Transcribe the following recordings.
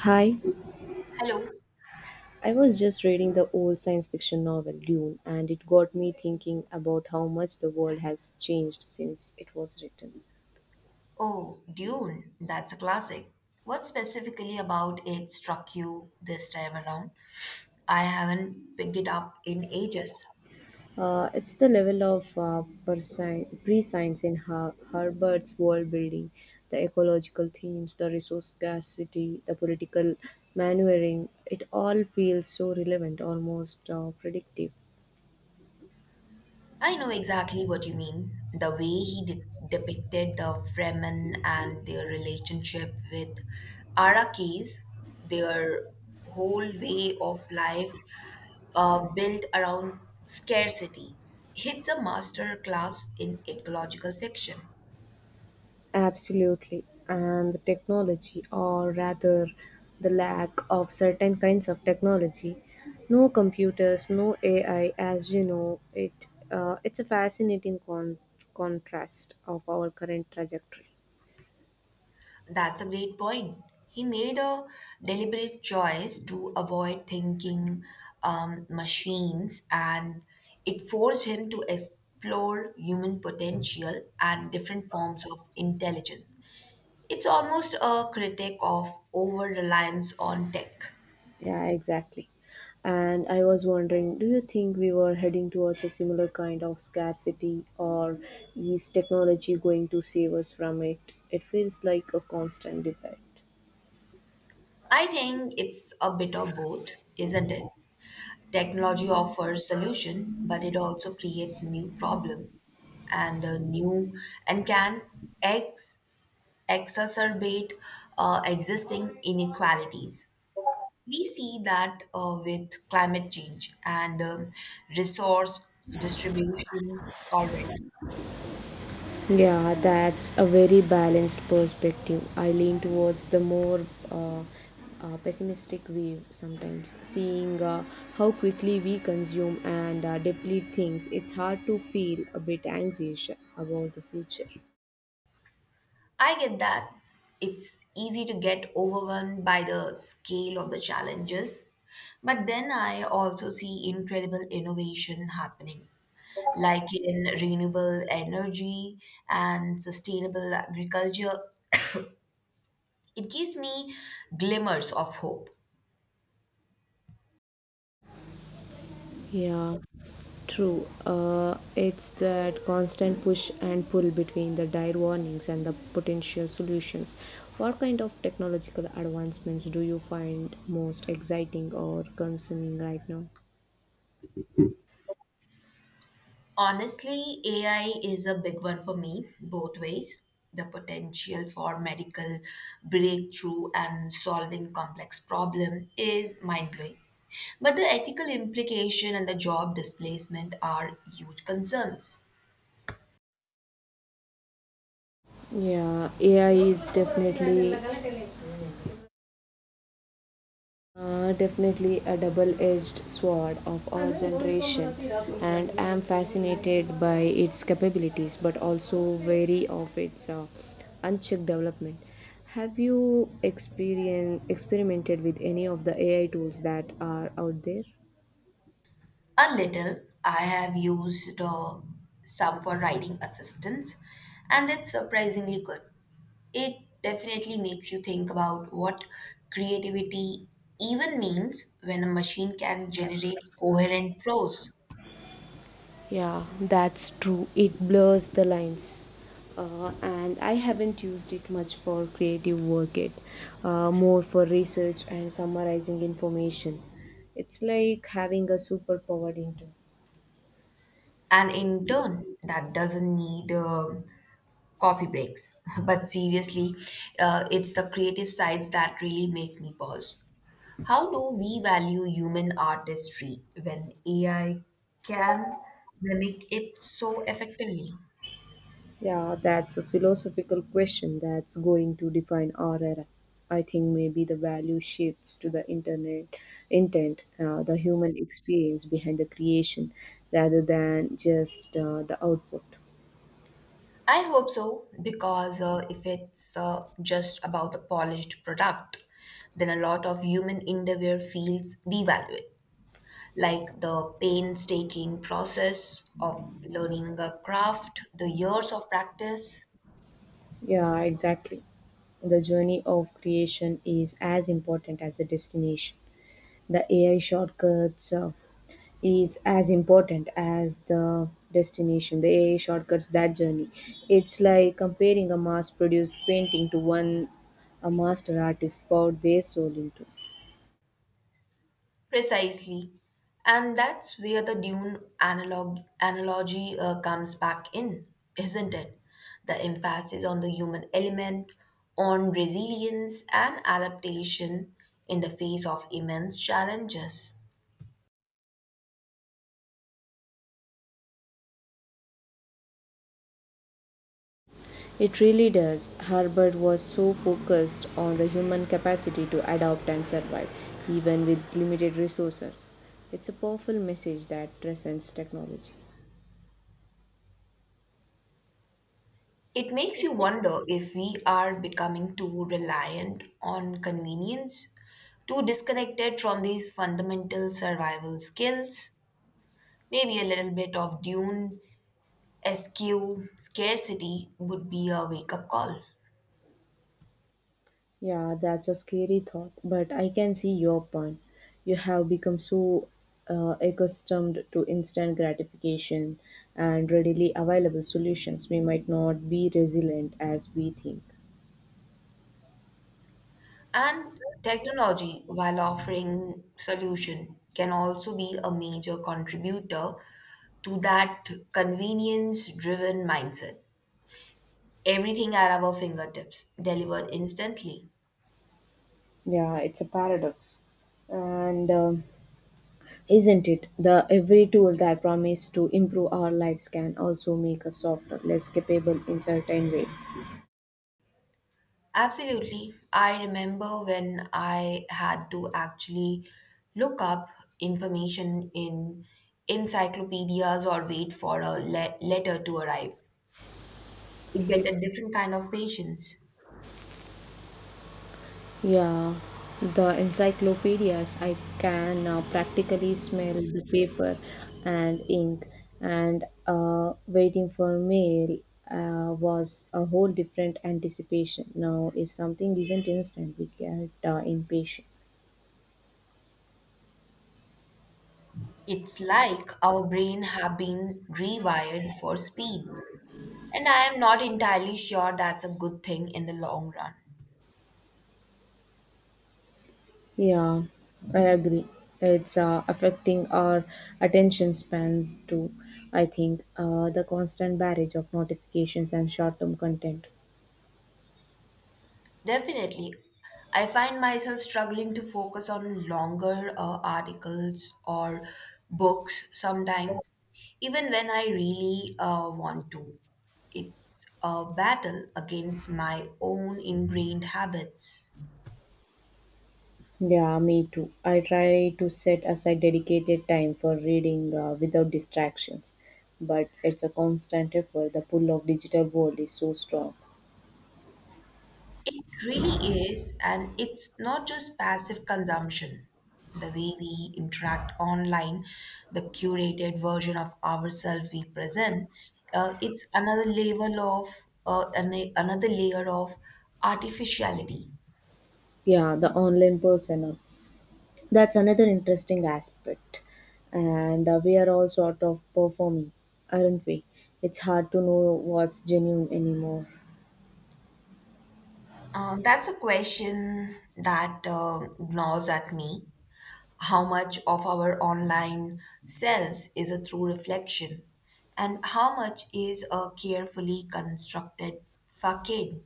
Hi, Hello. I was just reading the old science fiction novel Dune, and it got me thinking about how much the world has changed since it was written. Oh, Dune, that's a classic. What specifically about it struck you this time around? I haven't picked it up in ages. It's the level of pre-science in Herbert's world building, the ecological themes, the resource scarcity, the political maneuvering. It all feels so relevant, almost predictive. I know exactly what you mean. The way depicted the Fremen and their relationship with Arakis, their whole way of life built around scarcity. It's a master class in ecological fiction. Absolutely, and the technology, or rather the lack of certain kinds of technology, no computers, no AI, it's a fascinating contrast of our current trajectory. That's a great point. He made a deliberate choice to avoid thinking machines, and it forced him to explore human potential and different forms of intelligence. It's almost a critique of over reliance on tech. Yeah, exactly. And I was wondering, do you think we were heading towards a similar kind of scarcity, or is technology going to save us from it? It feels like a constant debate. I think it's a bit of both, isn't it? Technology offers solution, but it also creates new problem and new and can ex- exacerbate existing inequalities. We see that with climate change and resource distribution already. Yeah, that's a very balanced perspective. I lean towards the more uh, pessimistic view sometimes, seeing how quickly we consume and deplete things. It's hard to feel a bit anxious about the future. I get that it's easy to get overwhelmed by the scale of the challenges, but then I also see incredible innovation happening, like in renewable energy and sustainable agriculture. It gives me glimmers of hope. Yeah, true. It's that constant push and pull between the dire warnings and the potential solutions. What kind of technological advancements do you find most exciting or concerning right now? Honestly, AI is a big one for me, both ways. The potential for medical breakthrough and solving complex problem is mind-blowing. But the ethical implication and the job displacement are huge concerns. Yeah, AI is definitely a double-edged sword of our generation, and I'm fascinated by its capabilities, but also wary of its unchecked development. Have you experien experimented with any of the AI tools that are out there? A little. I have used some for writing assistance, and it's surprisingly good. It definitely makes you think about what creativity even means when a machine can generate coherent prose. Yeah, that's true. It blurs the lines. And I haven't used it much for creative work yet, more for research and summarizing information. It's like having a superpower into. And in turn, that doesn't need coffee breaks. But seriously, it's the creative sides that really make me pause. How do we value human artistry when AI can mimic it so effectively? Yeah, that's a philosophical question that's going to define our era. I think maybe the value shifts to the internet intent, the human experience behind the creation, rather than just the output. I hope so, because if it's just about a polished product, then a lot of human endeavor feels devalued, like the painstaking process of learning a craft, the years of practice. Yeah, exactly. The journey of creation is as important as the destination. The AI shortcuts is as important as the destination. The AI shortcuts that journey. It's like comparing a mass produced painting to one a master artist poured their soul into. Precisely. And that's where the Dune analogy comes back in, isn't it? The emphasis on the human element, on resilience and adaptation in the face of immense challenges. It really does. Herbert was so focused on the human capacity to adapt and survive, even with limited resources. It's a powerful message that transcends technology. It makes you wonder if we are becoming too reliant on convenience, too disconnected from these fundamental survival skills. Maybe a little bit of Dune Eschew scarcity would be a wake up call. Yeah, that's a scary thought, but I can see your point. You have become so accustomed to instant gratification and readily available solutions, we might not be resilient as we think. And technology, while offering solution, can also be a major contributor to that convenience driven mindset. Everything at our fingertips, delivered instantly. Yeah, it's a paradox. And Isn't it? The every tool that promises to improve our lives can also make us softer, less capable in certain ways. Absolutely. I remember when I had to actually look up information in encyclopedias or wait for a letter to arrive. It built a different kind of patience. Yeah, the encyclopedias, I can now practically smell the paper and ink, and waiting for mail was a whole different anticipation. Now, if something isn't instant, we get impatient. It's like our brain have been rewired for speed. And I am not entirely sure that's a good thing in the long run. Yeah, I agree. It's affecting our attention span too. I think the constant barrage of notifications and short term content. Definitely, I find myself struggling to focus on longer articles or books sometimes, even when I really want to. It's a battle against my own ingrained habits. Yeah, me too. I try to set aside dedicated time for reading without distractions, but it's a constant effort. The pull of digital world is so strong. It really is, and it's not just passive consumption. The way we interact online, the curated version of ourselves we present, it's another level of another layer of artificiality. Yeah, the online persona. That's another interesting aspect. And We are all sort of performing, aren't we? It's hard to know what's genuine anymore. That's a question that gnaws at me. How much of our online selves is a true reflection, and how much is a carefully constructed facade?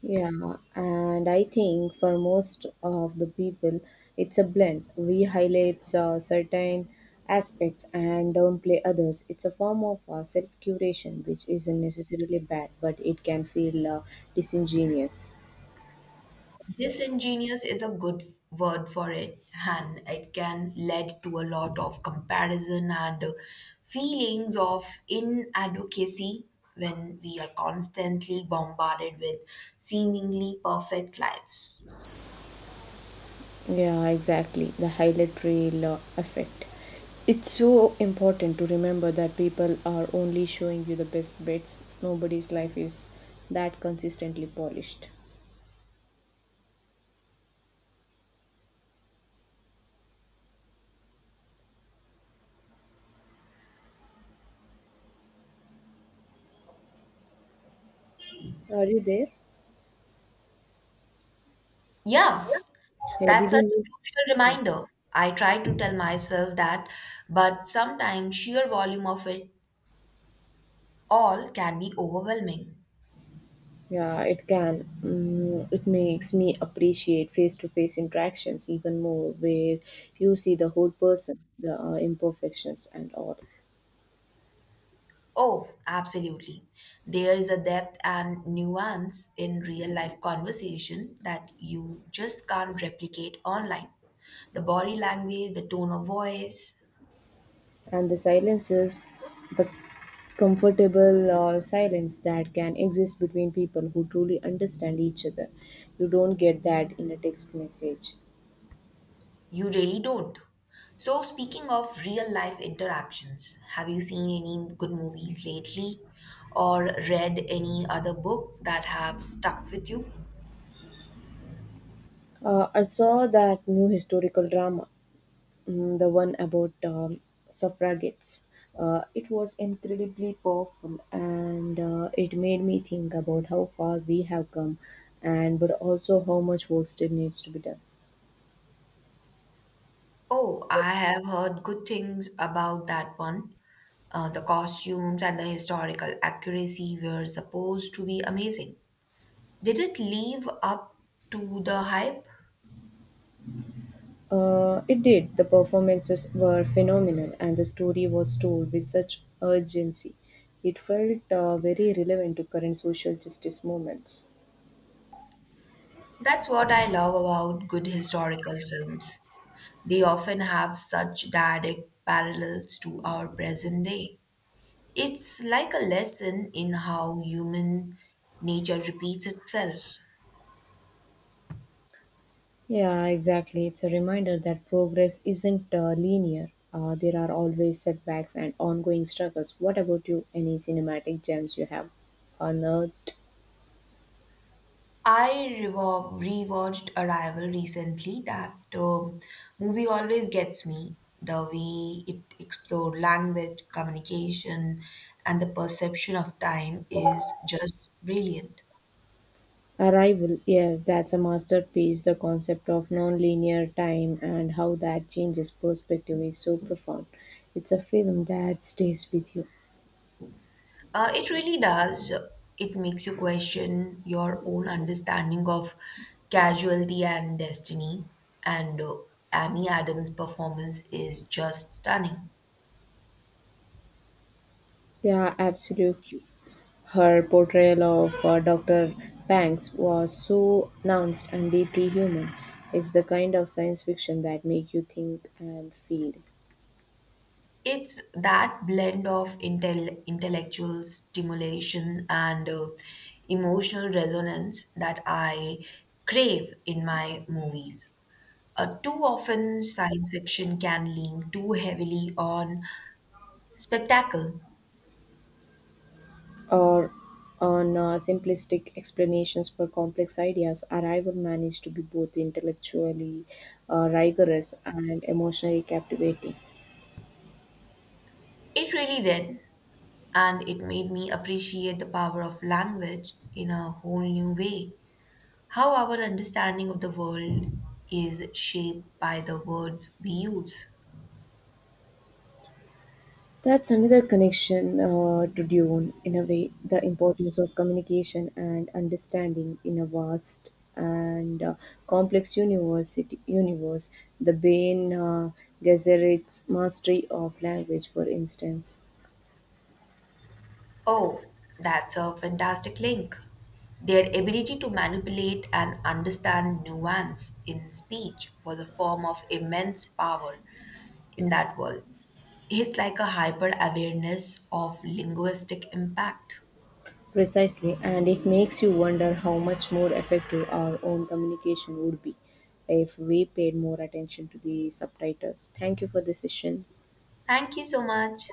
Yeah, and I think for most of the people, it's a blend. We highlight certain aspects and downplay others. It's a form of self curation, which isn't necessarily bad, but it can feel disingenuous. Disingenuous is a good word for it, and it can lead to a lot of comparison and feelings of inadequacy when we are constantly bombarded with seemingly perfect lives. Yeah, exactly. The highlight reel effect. It's so important to remember that people are only showing you the best bits. Nobody's life is that consistently polished. Are you there? Yeah, Yeah, did you that's such a need? crucial Yeah, reminder. I try to tell myself that, but sometimes sheer volume of it all can be overwhelming. yeah, it can. Mm, it makes me appreciate face to face interactions even more, where you see the whole person, the imperfections, and all. Oh, absolutely. There is a depth and nuance in real life conversation that you just can't replicate online. The body language, the tone of voice. And the silence is the comfortable silence that can exist between people who truly understand each other. You don't get that in a text message. You really don't. So, speaking of real life interactions, have you seen any good movies lately or read any other book that have stuck with you? I saw that new historical drama, the one about suffragettes. It was incredibly powerful, and it made me think about how far we have come, and but also how much work still needs to be done. Oh, I have heard good things about that one. The costumes and the historical accuracy were supposed to be amazing. Did it live up to the hype? It did. The performances were phenomenal, and the story was told with such urgency. It felt very relevant to current social justice movements. That's what I love about good historical films. They often have such direct parallels to our present day. It's like a lesson in how human nature repeats itself. Yeah, exactly. It's a reminder that progress isn't linear. There are always setbacks and ongoing struggles. What about you? Any cinematic gems you have unearthed? I rewatched Arrival recently. That movie always gets me. The way it explored language, communication, and the perception of time is just brilliant. Arrival, yes, that's a masterpiece. The concept of nonlinear time and how that changes perspective is so profound. It's a film that stays with you. It really does. It makes you question your own understanding of casualty and destiny. And Amy Adams' performance is just stunning. Yeah, absolutely. Her portrayal of Dr. Banks was so nuanced and deeply human. It's the kind of science fiction that make you think and feel. It's that blend of intellectual stimulation and emotional resonance that I crave in my movies. Too often, science fiction can lean too heavily on spectacle. Or on simplistic explanations for complex ideas, Arrival managed to be both intellectually rigorous and emotionally captivating. It really did. And it made me appreciate the power of language in a whole new way. How our understanding of the world is shaped by the words we use. That's another connection to Dune, in a way, the importance of communication and understanding in a vast and complex universe. The Bain Gesserit's mastery of language, for instance. Oh, that's a fantastic link. Their ability to manipulate and understand nuance in speech was a form of immense power in that world. It's like a hyper awareness of linguistic impact. Precisely, and it makes you wonder how much more effective our own communication would be if we paid more attention to the subtitles. Thank you for the session. Thank you so much.